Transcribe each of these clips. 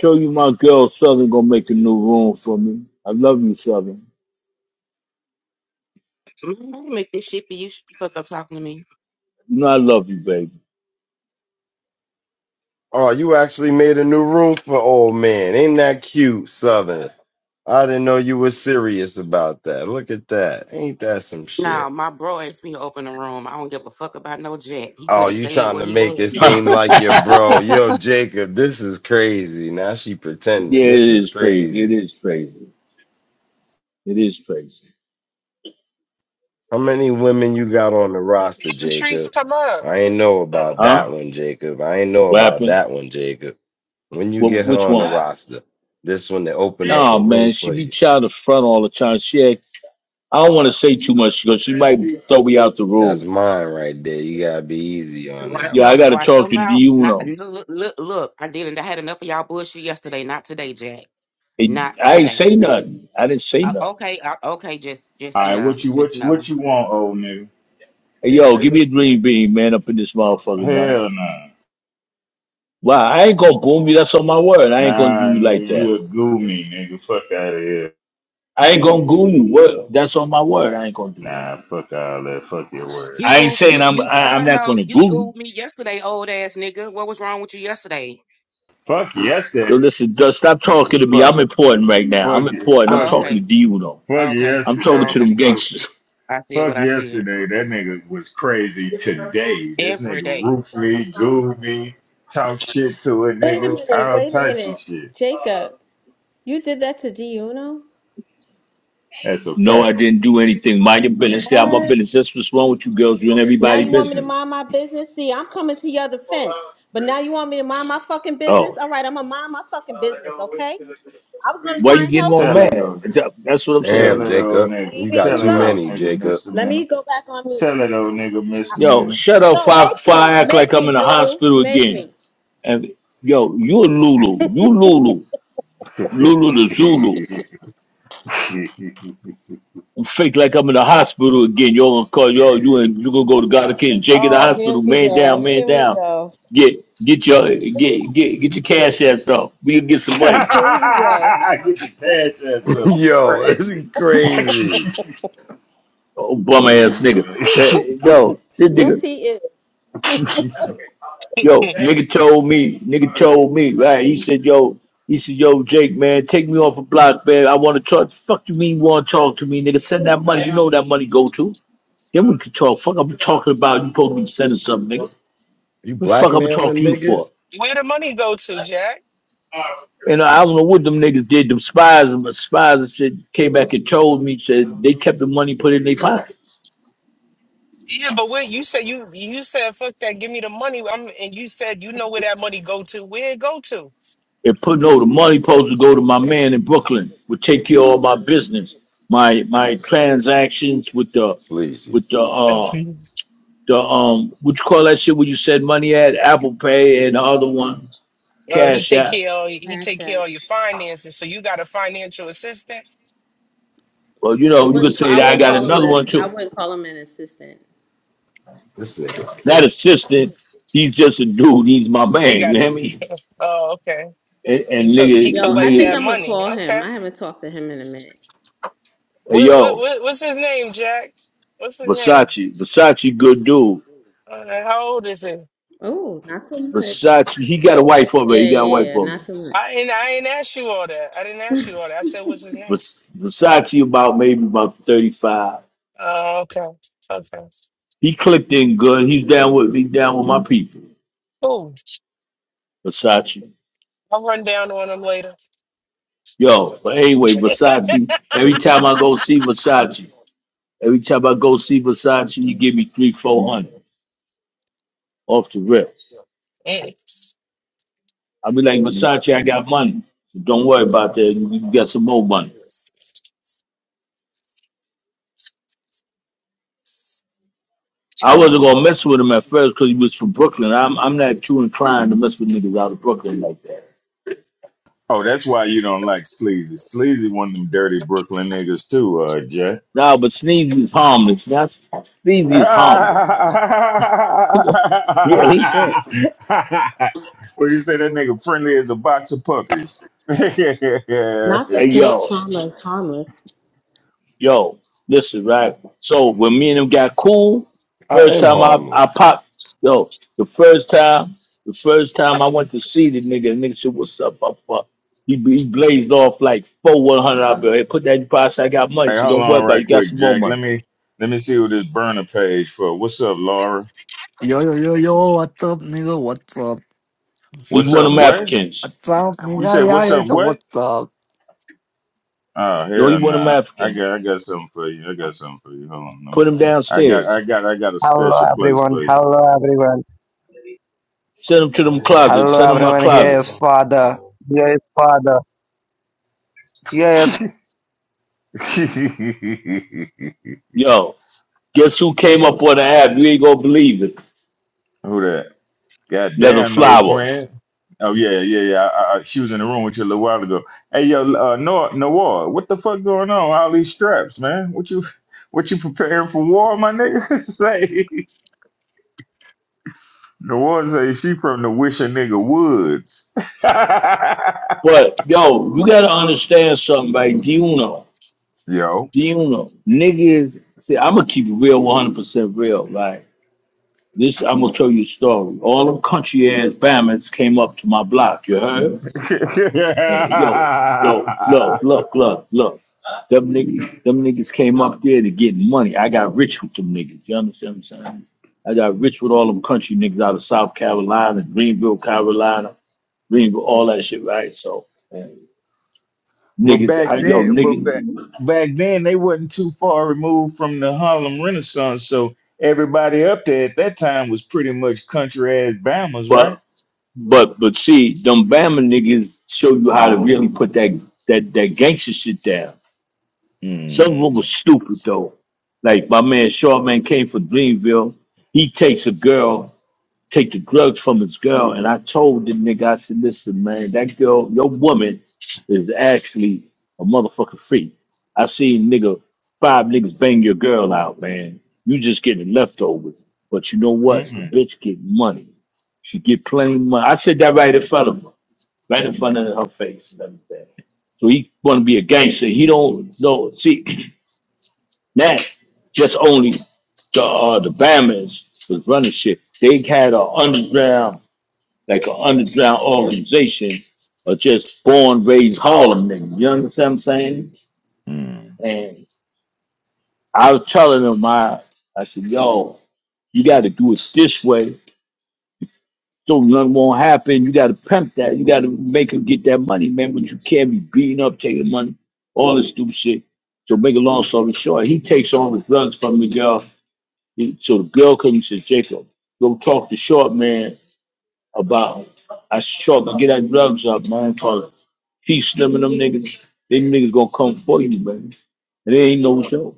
Show you my girl Southern gonna make a new room for me. I love you, Southern. Mhm. I did make this shit for you. Shut the fuck up talking to me. You know I love you, baby. Oh, you actually made a new room for old man. Ain't that cute, Southern? I didn't know you were serious about that. Look at that. Ain't that some Nah, shit? my bro asked me to open the room. I don't give a fuck about no jet. He Oh, could have you stayed trying where to he make it was. seem like your bro. yeah, Yo, Jacob, this is crazy. Now she pretending. This it is is crazy. It crazy. is crazy. It is crazy. How many women you got on the roster, trees Jacob? come up. I ain't know Oh. about that Huh? one, Jacob. I ain't know What about happened? that one, Jacob. When you Wh- get her which on the one? roster, this one they open up a No, room man. She for be you. child the front all the time. She act, I don't want to say too much because she might throw me out the That's room. mine right there. You gotta be easy on Watch that Yo, one, I your gotta nigga. watch your talk to mouth. Not Diuno. look look look. I didn't. I had enough of y'all bullshit yesterday. Not today, Jack. Hey, Not I ain't today. say nothing. I didn't say Uh, nothing. okay, uh, okay. Just All just right, yeah. what you Just what you, no. what you want, old nigga? Hey, yo, give me a green bean, man, up in this motherfucker, man. Hell nah, Well, I ain't gonna boom you. That's on my word. I ain't gonna do nah, you like nigga, that. you a goo nigga. Fuck out of here. I ain't gonna goon you. What? That's on my word. I ain't gonna do that. Nah, fuck all that. Fuck your word. You I ain't go. You saying I'm. you. I I, I'm don't not know. gonna You googled goon. me yesterday, old ass nigga. What was wrong with you yesterday? Fuck Yo, yesterday. listen. Just stop talking to me. Fuck, I'm important right now. fuck I'm it, important. I'm fuck Oh, it, talking to okay. D though. fuck Okay. I'm yesterday. talking to Okay. them Fuck, gangsters. I said fuck what I said yesterday. That nigga was crazy today. This every nigga day. roof me, goo me, talk shit to a Wait a nigga, minute, all wait a types of minute. shit. Jacob, you did that to D Uno? That's a No, I fact. didn't do anything. Mind your business. Stay out my What? business. That's what's wrong with you girls. You're in Now everybody's you want me to business. mind my business? See, I'm coming to your defense. But now you want me to mind my fucking business? Oh, All right, I'm gonna mind my fucking business, okay? I was gonna why try you and getting help all you. Tell it mad? old nigga. That's what I'm Tell saying. Damn, it old Jacob. nigga. See, You here got Tell you too it go. old many, nigga, Jacob. Let Mister me go back on mute. Tell that old nigga Yo, misdemeanor. shut up. No, Fire, make me. fire. Act like Make I'm me, in the doodoo. hospital Make again. me. And yo, you a Lulu. You Lulu. Lulu the Zulu. I'm fake like I'm in the hospital again. Yo gonna call yo, you and you gonna go to God again. Jake in the Oh, hospital, here we man down, go. man Here we down. go. Get get your get get get your cash apps off. We can get some money. Here you go. Get your tash ass up. It's Yo, this crazy. is crazy. Oh bum ass nigga. Eh, yo, this Yes, nigga, he is. yo, nigga told me, nigga told me, right? He said, yo, he said, yo, Jake, man, take me off a block, man. I wanna talk. Fuck you mean you wanna talk to me, nigga. Send that money. You know that money go to. Yeah, we can talk. Fuck, I'm talking about you. Supposed to be sending something, nigga. What You the fuck, I'm talking blackmailing to you for? niggas? Where the money go to, Jack? And I don't know what them niggas did. Them spies and spies and shit came back and told me said they kept the money put in their pockets. Yeah, but where you said you you said fuck that, give me the money. I'm, and you said you know where that money go to. Where it go to? And put no, the money supposed to go to my man in Brooklyn. Would take care of all my business, my my transactions with the Sleazy. with the uh the um what you call that shit when you said money at Apple Pay and the other ones, uh, he Cash take App. care of he Cash take care App. of your finances. So you got a financial assistant. Well, you I know you could wouldn't. say I that I wouldn't got call him another a. one I too wouldn't call him an assistant. This nigga's Not crazy. assistant. He's just a dude. He's my He man. got You hear it. me? Oh, okay. And, He and co- he nigga, Yo, I collect think that nigga, I'm gonna money. call him. Okay. I haven't talked to him in a minute. hey, What, what yo, what what's his name, Jack? What's his name? Versace, Versace, good dude. Uh, how old is he? Oh, not too much. Versace, he got a wife for me. He Yeah, got a yeah, wife yeah, for me. not too much. I ain't I ain't asked you all that. I didn't ask you all that. I said what's his name. Vers- Versace, about maybe about thirty five. Oh, okay. Okay. He clicked in good. He's down with me, down with my people. Cool. Versace, I'll run down on them later. yo. But anyway, Versace. Every time I go see Versace, every time I go see Versace, he give me three, four hundred off the rip. Mm. I'll be like, Versace, I got money. So Don't worry about that. You can get some more money. I wasn't gonna mess with him at first because he was from Brooklyn. I'm I'm not true and trying to mess with niggas out of Brooklyn like that. oh, that's why you don't like Sleazy. Sleazy one of them dirty Brooklyn niggas too, uh, Jay. No, but Sneezy is harmless. That's Sneezy is harmless. Come on, Oh really? shit. well, you say that nigga friendly as a box of puppies. Not the Hey snake yo, charmer is harmless. yo, listen, right? So when me and him got cool, I first am time I, I harmless. popped, yo, the first time, the first time I went to see the nigga, the nigga said, what's up, my fuck?" He, he blazed off like four 100 out there. Hey, put that in your pocket. I got money. Hey, So hold don't worry on about it. right You got quick, some more Jack. Let money. me let me see who this burner page for. What's up, Laura? Yo yo yo yo, what's up, nigga? What's up? He What's one of up, them what? Africans. What's up, You nigga? said Yeah, what's yeah, up, it's what? what's up. Oh No, he hell one of them nah. I Africans. got I got something for you. I got something for you. Hold on. Let me Put him I got downstairs. I got I got a Hello special place everyone, for you. hello everyone, Send him to them closet. hello Send him my everyone. Here closet. is Father, here is Father, here is who Yo, guess who came up on the app? You ain't gonna believe it. that? God Leather damn no flower. Quinn. Oh yeah, yeah, yeah. I, I, she was in the room with you a little while ago. Hey yo, uh Noah Noah, what the fuck going on? All these straps, man. What you what you preparing for war, my nigga? Say The one say she from the wishing nigga woods. But yo, you gotta understand something, right? Do you know? Yo. Do you know? Niggas see I'm gonna keep it real one hundred percent real, right? This I'm gonna tell you a story. All them country ass bammers came up to my block, you heard? Hey, yo, yo, look, look, look, look. Them niggas, them niggas came up there to get money. I got rich with them niggas. You understand what I'm saying? I got rich with all them country niggas out of South Carolina, Greenville, Carolina, Greenville, all that shit, right? So but niggas. back I then, yo but back, nigga, back then they wasn't too far removed from the Harlem Renaissance, so everybody up there at that time was pretty much country ass Bama's, right? but but but see, them Bama niggas show you how to really put that that that gangster shit down. Some of them Mm-hmm. was stupid though. Like my man Shawman came from Greenville. He takes a girl take the drugs from his girl. And I told the nigga, I said, listen, man, that girl, your woman is actually a motherfucking freak. I seen nigga, five niggas bang your girl out, man. You just getting leftovers. But you know what? The Mm-hmm. bitch get money. She get plain money. I said that right in front of her, right in front of her face and everything. So he want to be a gangster. He don't know. See, that just only the uh, the Bama's was running shit. They had an underground like an underground organization or just born raised Harlem niggas. You understand what I'm saying? And I was telling them, I, I said, yo, you got to do it this way. So nothing won't happen. You got to pimp that. You got to make them get that money, man. But you can't be beating up, taking money, all this stupid shit. So make a long story short, he takes all the drugs from the girl. He, so the girl comes and says, Jacob, go talk to Short Man about I said, Short, man, get that drugs up, man. Teach them and them niggas. Them niggas gonna come for you, baby. It ain't no joke.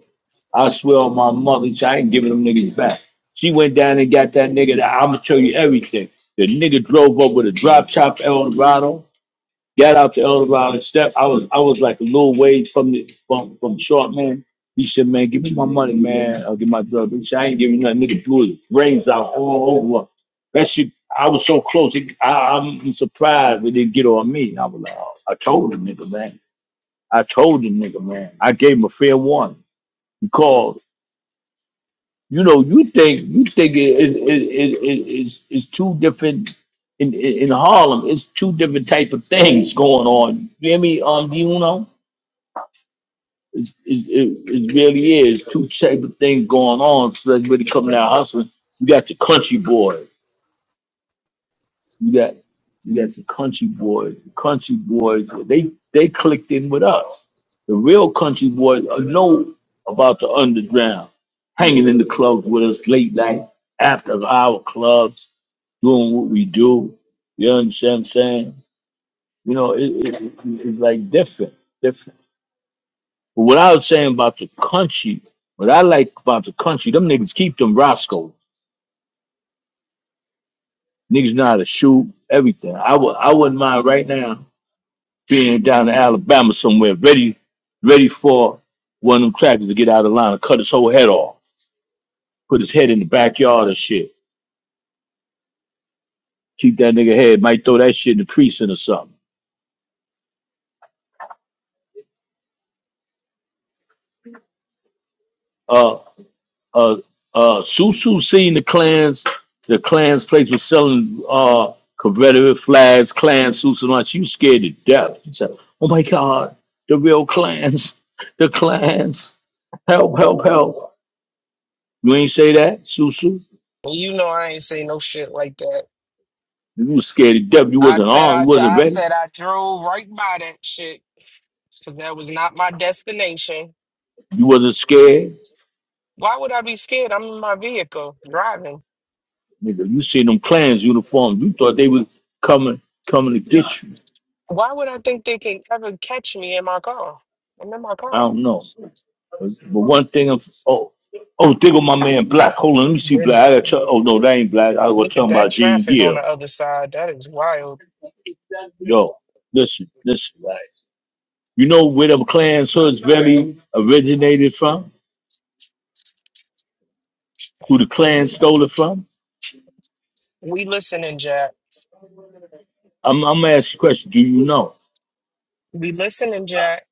I swear on my mother, I ain't giving them niggas back. She went down and got that nigga. That, I'm gonna show you everything. The nigga drove up with a drop top Eldorado got out the Elder Island step. I was I was like a little ways from the from, from the short man. He said, man, give me my money, man. I'll get my drug. He said, I ain't giving nothing. Nigga blew his brains out all over. That shit, I was so close. It, I, I'm surprised it didn't get on me. I was like, oh, I told the nigga, man. I told the nigga, man. I gave him a fair warning. He called you know, you think you think it, it, it, it, it's it's two different in, in in Harlem. It's two different type of things going on. You hear me? Um, do you know? It's, it's, it, it really is two type of things going on. So that's really coming out hustling. You got the country boys. You got you got the country boys. The country boys they they clicked in with us. The real country boys are know about the underground, hanging in the clubs with us late night after our clubs, doing what we do. You understand what I'm saying? You know, it, it, it- it's like different, different. But what I was saying about the country, what I like about the country, them niggas keep them Roscoe. Niggas know how to shoot, everything. I would I wouldn't mind right now being down in Alabama somewhere, ready, ready for one of them crackers to get out of line and cut his whole head off, put his head in the backyard and shit. Keep that nigga head, might throw that shit in the precinct or something. Uh, uh, uh, Susu seen the clans, the clans place was selling uh Confederate flags, Klan suits and all. She was scared to death. She said, "Oh my God, the real clans, the clans, help, help, help." You ain't say that, Susu. well, you know I ain't say no shit like that. You was scared to death. You I wasn't said armed. I, You wasn't dr- I ready. said I drove right by that shit. because that was not my destination. You wasn't scared. Why would I be scared? I'm in my vehicle driving. Nigga, you seen them Klans uniforms. You thought they was coming coming to get you. Why would I think they can ever catch me in my car? I'm in my I car. don't know. But, but one thing I'm oh oh think of my man Black. Hold on, let me see Black. I got Benson. to oh no, that ain't Black. I was Look at talking that about Gene traffic on the Gill. other side. That is wild. Yo, listen, listen, right. You know where the Klans hoods really originated from? Who the Klan stole it from? We listening, Jack. I'm I'm gonna ask you a question. Do you know? We listening, Jack.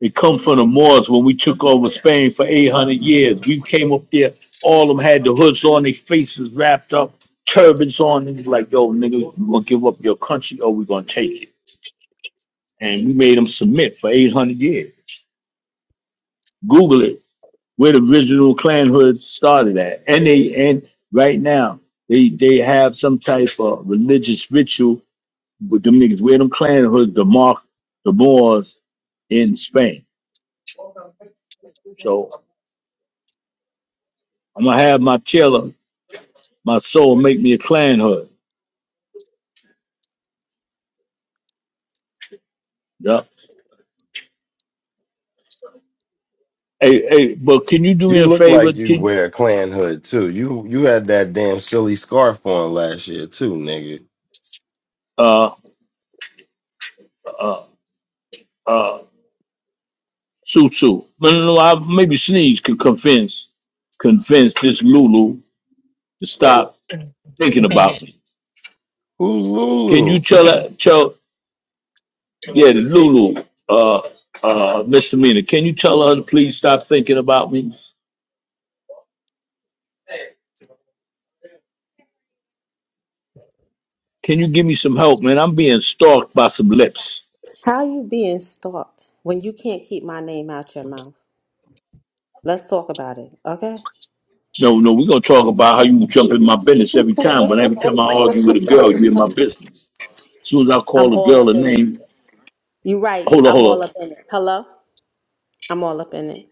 They come from the Moors when we took over Spain for 800 years. We came up there, all of them had the hoods on, their faces wrapped up, turbans on. They was like, yo, nigga, you gonna give up your country or we gonna take it. And we made them submit for 800 years. Google it, where the original clan hood started at. And they, and right now, they, they have some type of religious ritual with them niggas, where them clan hoods to mark the Moors in Spain. So I'm gonna have my tailor, my soul make me a clan hood. Yup. Hey, hey, but can you do me You a look favor? like you Can wear a clan hood too. You you had that damn silly scarf on last year too, nigga. uh uh Susu? No, no, no. I, maybe Sneeze could convince convince this Lulu to stop thinking about me. Who's Can you Lulu? tell her? Tell yeah, the Lulu. Uh, uh, misdemeanor. Can you tell her to please stop thinking about me? Can you give me some help, man? I'm being stalked by some lips. How you being stalked when you can't keep my name out your mouth? Let's talk about it, okay? No, no, we're gonna talk about how you jump in my business every time. But every time I argue with a girl, you in my business. As soon as I I'm call a all up girl a in it. name, You're right. hold on, I'm hold all on. up in it. Hello? I'm all up in it.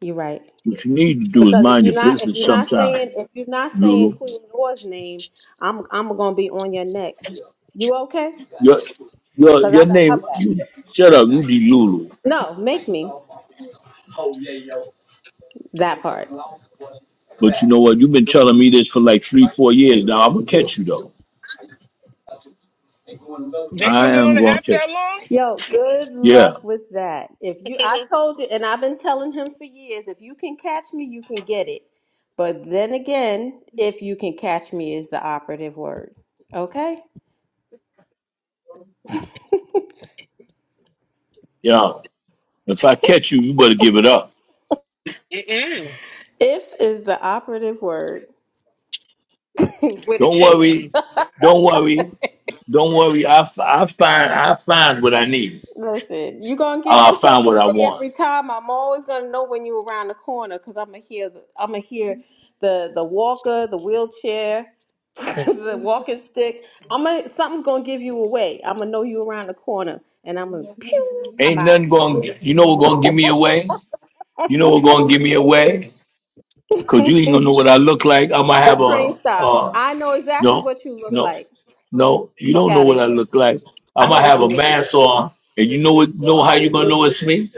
You're right. What you need to do is Because if mind your you're not if business you're not sometime, saying if you're not saying Lulu. Queen Noor's name, I'm I'm gonna be on your neck. You okay? Your your Cause your I got her name back. you shut up, you be Lulu. No, make me that part. But you know what? You've been telling me this for like three, four years now. I'm gonna catch you though. I Jacob been on am the gonna app that catch long? Yo, good you. Yeah, luck with that. If you, I told you, and I've been telling him for years, if you can catch me, you can get it. But then again, if you can catch me is the operative word. Okay? yeah. If I catch you, you better give it up. Mm-mm. If is the operative word with a Don't K. worry, Mm-mm. don't worry, don't worry. I, f- I find I find what I need. Listen, you gonna give I'll yourself find what I away want. every time. I'm always gonna know when you around the corner because I'm gonna hear the I'm gonna hear the the walker, the wheelchair, the walking stick. I'm gonna something's gonna give you away. I'm gonna know you around the corner, and I'm gonna pew. I'm Ain't out of nothing here. going. to You know what going to give me away? You know what going to give me away? Cause you ain't gonna know what I look like. I might The have train a stop. uh I know exactly no what you look no like. no. You Fuck don't know out of what I here. look like. I I might know what have you a look. Like. mask on, and you know what? Know how you gonna know it's me?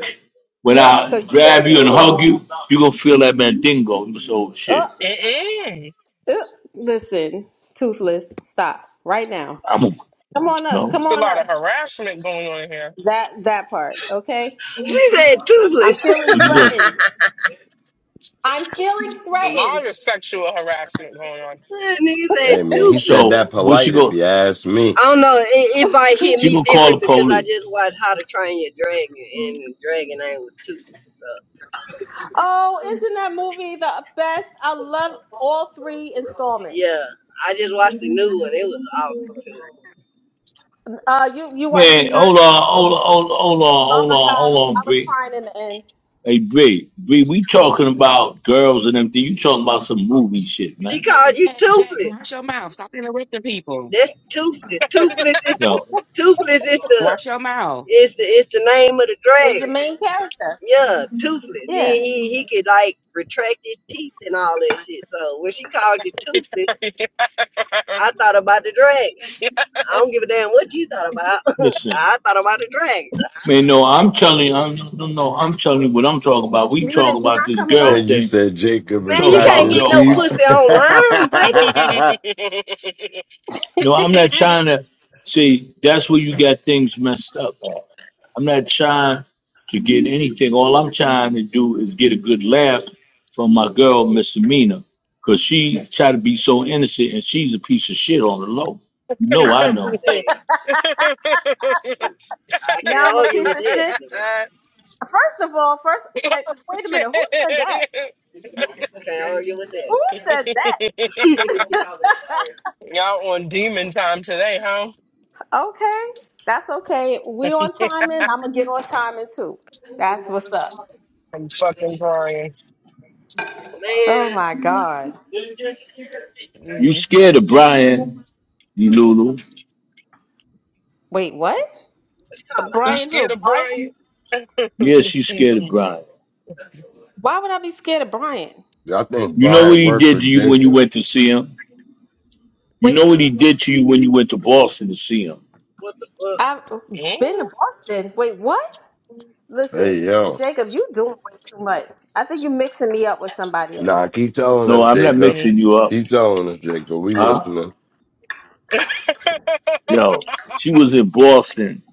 When Yeah, I cause you're four grab you feet and tall. hug you, you gonna feel that mandingo. You So Uh, shit, Mm-mm. uh, listen, toothless. Stop right now. I'm a, Come on up. no." Come It's a on lot up. of harassment going on here. That that part, okay? She said I'm toothless. feeling What you gonna? threatened. I'm feeling A threatened. lot of sexual harassment going that nigga said Hey man, he toothless. said that So Where she polite if go? you ask me. I don't know. It, it might hit She me gonna call different the because I police? just watched How to Train Your Dragon, and the dragon name was toothless. So Oh, isn't that movie the best? I love all three installments. yeah, I just watched the new one. It was awesome too. Uh you you watched the Man, third one? hold on, hold on, hold on, hold on, Oh hold my on, god, hold on, I was Bree. crying in the end. Hey, Bree, Bree, we talking about girls and everything. You talking about some movie shit, She man. called you Jack, Jack, toothless. watch your mouth. Stop interrupting people. That's toothless. Toothless is Yo, toothless is the Watch your mouth. is the is the name of the Is dragon. the main character. Yeah, toothless. He Yeah. he he could like retract his teeth and all that shit. So when she called you toothless, I thought about the dragon. I don't give a damn what you thought about. I listen. thought about the dragon. Man, no, I'm telling you, I'm, no, no, no, I'm telling you what I'm talking about. We You talk did you're about not this coming up. girl And you thing. said Jacob Man, Talk you retract can't about his get girl no power. teeth. pussy online, baby. No, I'm not trying to, see, that's where you got things messed up at. I'm not trying to get anything. All I'm trying to do is get a good laugh from my girl, Miss Mina, because she try to be so innocent and she's a piece of shit on the low. No, I know. Damn. I Now can't I'm a argue piece with of that. shit. You know, First of all, first eh, wait a minute, who said that? I can't argue with that. Who said that? on. Man, Y'all on demon time today, huh? Okay. That's okay. We on timing. I'm gonna get on timing too. That's what's up. I'm fucking Brian. Oh my God. You Mm. scared of Brian, you Lulu. Wait, what? it's Uh, called You Brian scared who? of Brian? Brian? Yes, you scared of Brian. Why would I be scared of Brian? I think You know what Brian he worked did for to you when you Jacob. went to see him? You Wait, know what he did to you when you went to Boston to see him? what the fuck? I've been to Mm. Boston. Wait, what? Hey, Listen, yo. Jacob, you doing way too much. I think you're mixing me up with somebody else. Nah, keep telling No, us, I'm not Jacob. Mm. mixing you up. Keep telling us, Jacob. We Huh? listening. Yo, she was in Boston.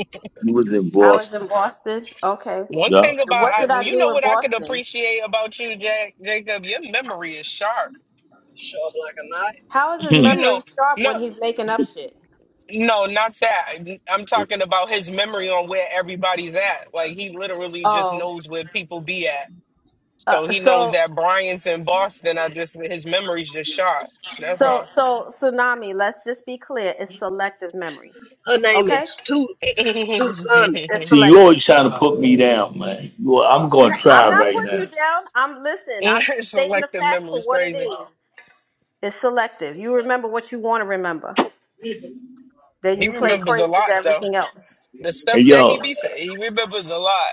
You was in I was in Boston. Boston. Okay. One Yeah. thing And about What I, did I you do know in what I could Boston? appreciate about you, Jack, Jacob. Your memory is sharp. Sharp like a knife. How is his You Hmm. know, memory sharp no, when he's making up shit? no, not that. I'm talking about his memory on where everybody's at. Like he literally just Oh, knows where people be at. uh, So he knows so that Brian's in Boston. I just his memory's just shot. That's so all. so tsunami. Let's just be clear. It's selective memory. Her name Okay, is Two Two Summit. it's see, you selective. always trying to put me down, man. You, I'm N- going to try I'm not right putting you now. down. I'm listen. I'm stating the Selective facts for memory's what it crazy. is. It's selective. You remember what you want to remember. Then He you play remembers a crazy to lot though. everything else. The stuff And that he yo, be saying, he remembers a lot.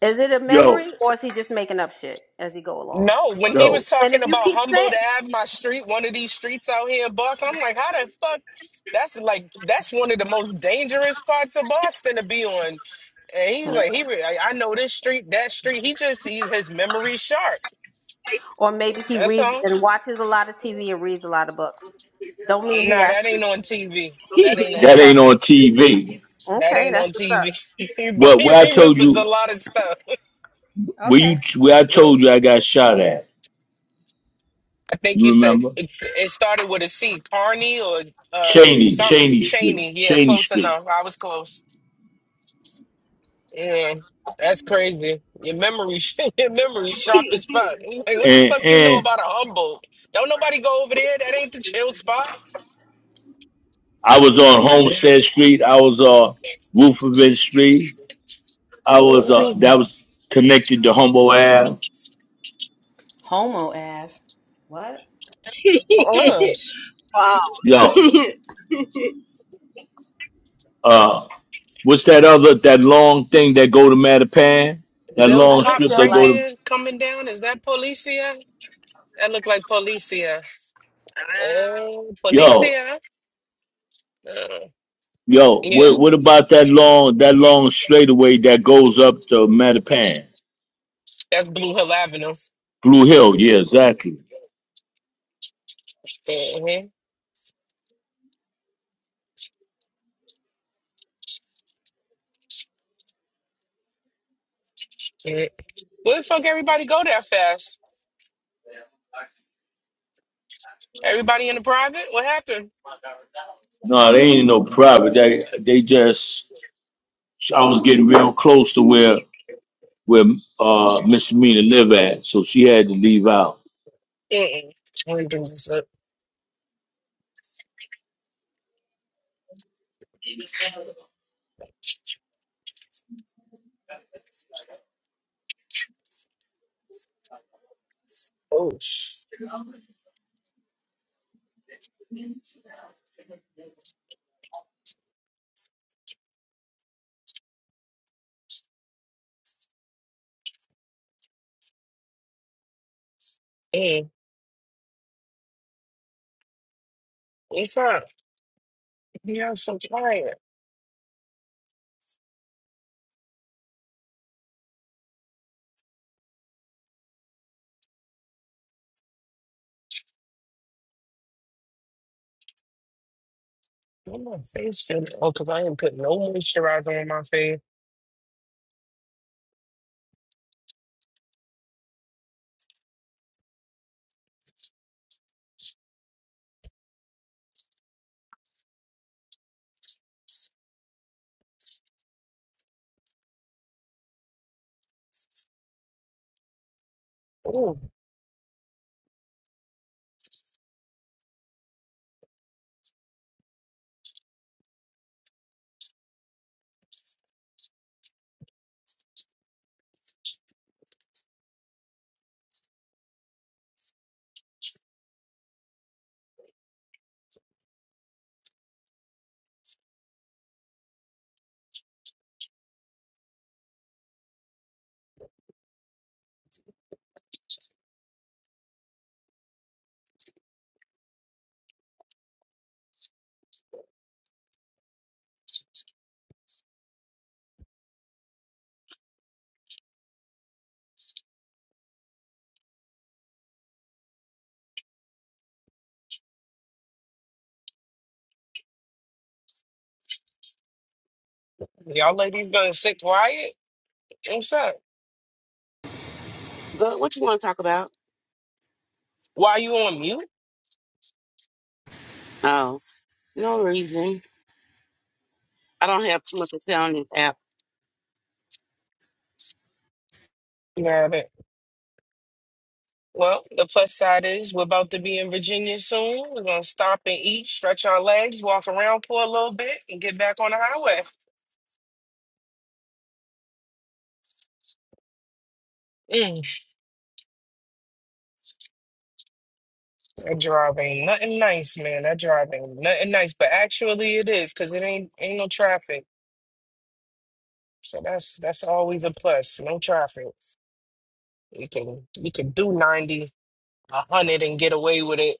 Is it a yo, memory or is he just making up shit as he go along? No, when he was yo, And talking if you about keep Humboldt saying, Ave, my street, one of these streets out here in Boston, I'm like, how the fuck? That's like that's one of the most dangerous parts of Boston to be on. And he's like, he, re- I I know this street, that street. He just he, his memory's sharp. or maybe he That's reads all. and watches a lot of TV and reads a lot of books. Don't mean he Nah, that actually. ain't on TV. That ain't on that Okay, ain't on TV. TV. That okay, ain't that's on what's TV. up. See, but What, he where I told remembers a you, lot of stuff. where Okay. you, where I told you I got shot at. I think You you said remember? it, it started with a C, Carney or uh Cheney, something, Cheney Street, Cheney. Yeah, Cheney close Street, enough. I was close. Yeah, that's crazy. Your memory, your memory sharp as fuck. Like, what the and fuck you know and about a Humboldt? Don't nobody go over there. That ain't the chill spot. I Mm. was on Homestead Street. I was on Roofavent Street. I was uh that Mm. was connected to Humble Ave. Homo Av. What? Uh-uh. Yo, Pause. uh, what's that other that long thing that go to Mattapan? Is That those I long just cops strip feel that right go like to there coming down? Is that policia? That look like policia. Oh, yo Policia. Uh, yo. yeah, What what about that long that long straightaway that goes up to Mattapan? that's Blue Hill Avenue. Blue Hill, yeah, exactly. Mm-hmm. Yeah. Where the fuck everybody go that fast? Everybody in the private? What happened? No, they ain't no private. They they just I was getting real close to where where uh, Miss Mina live at, so she had to leave out. Mm-mm. I ain't doing this up. Oh, sh- mm. What's up? Yeah, I'm so tired. Why My face feeling. Oh, because I ain't put no moisturizer on my face. Ooh, y'all ladies gonna sit quiet? What's up? Go. What you want to talk about? Why you on Oh, no reason. I don't have too much to say on this app. mute? Well, the plus side is we're about to be in Virginia soon. We're gonna stop and eat, stretch our legs, walk around for a little bit, and get back on the highway. Mm, that drive ain't nothing nice, man. That drive ain't nothing nice, but actually it is because it ain't ain't no traffic. So that's that's always a plus. No traffic. You can you can do 90, a 100 and get away with it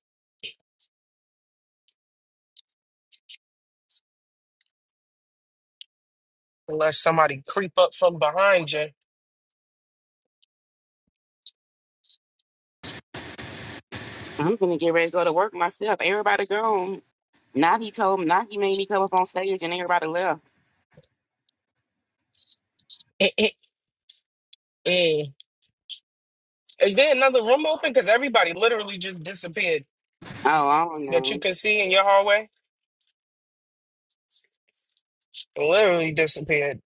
unless somebody creep up from behind you. I'm gonna get ready to go to work myself. Everybody gone. Not he told me. Not he made me come up on stage and everybody left. Mm, mm, mm. Is there another room open? Because everybody literally just disappeared. Oh, I don't that you know. could see in your hallway literally disappeared.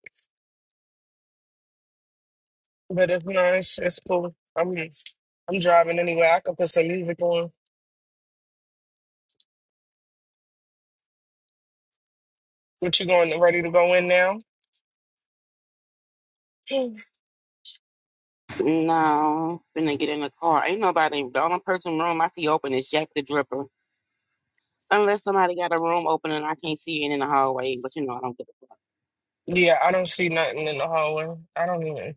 But if not, it's, it's cool. I'm I'm driving anyway. I could put some music on. What you going ready to go in now? No, finna get in the car. Ain't nobody. The only person room I see open is Jack the Dripper. Unless somebody got a room open and I can't see it in the hallway, but you know I don't give a fuck. yeah, I don't see nothing in the hallway. I don't even.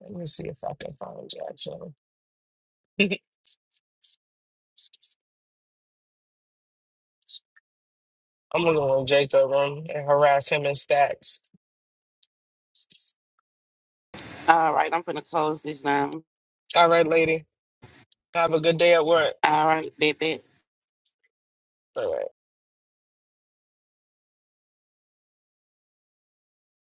Let me see if I can find Jackson. I'm gonna go in Jacob room and harass him in stacks. All right, I'm finna close this now. All right, lady. Have a good day at work. All right, baby. All right.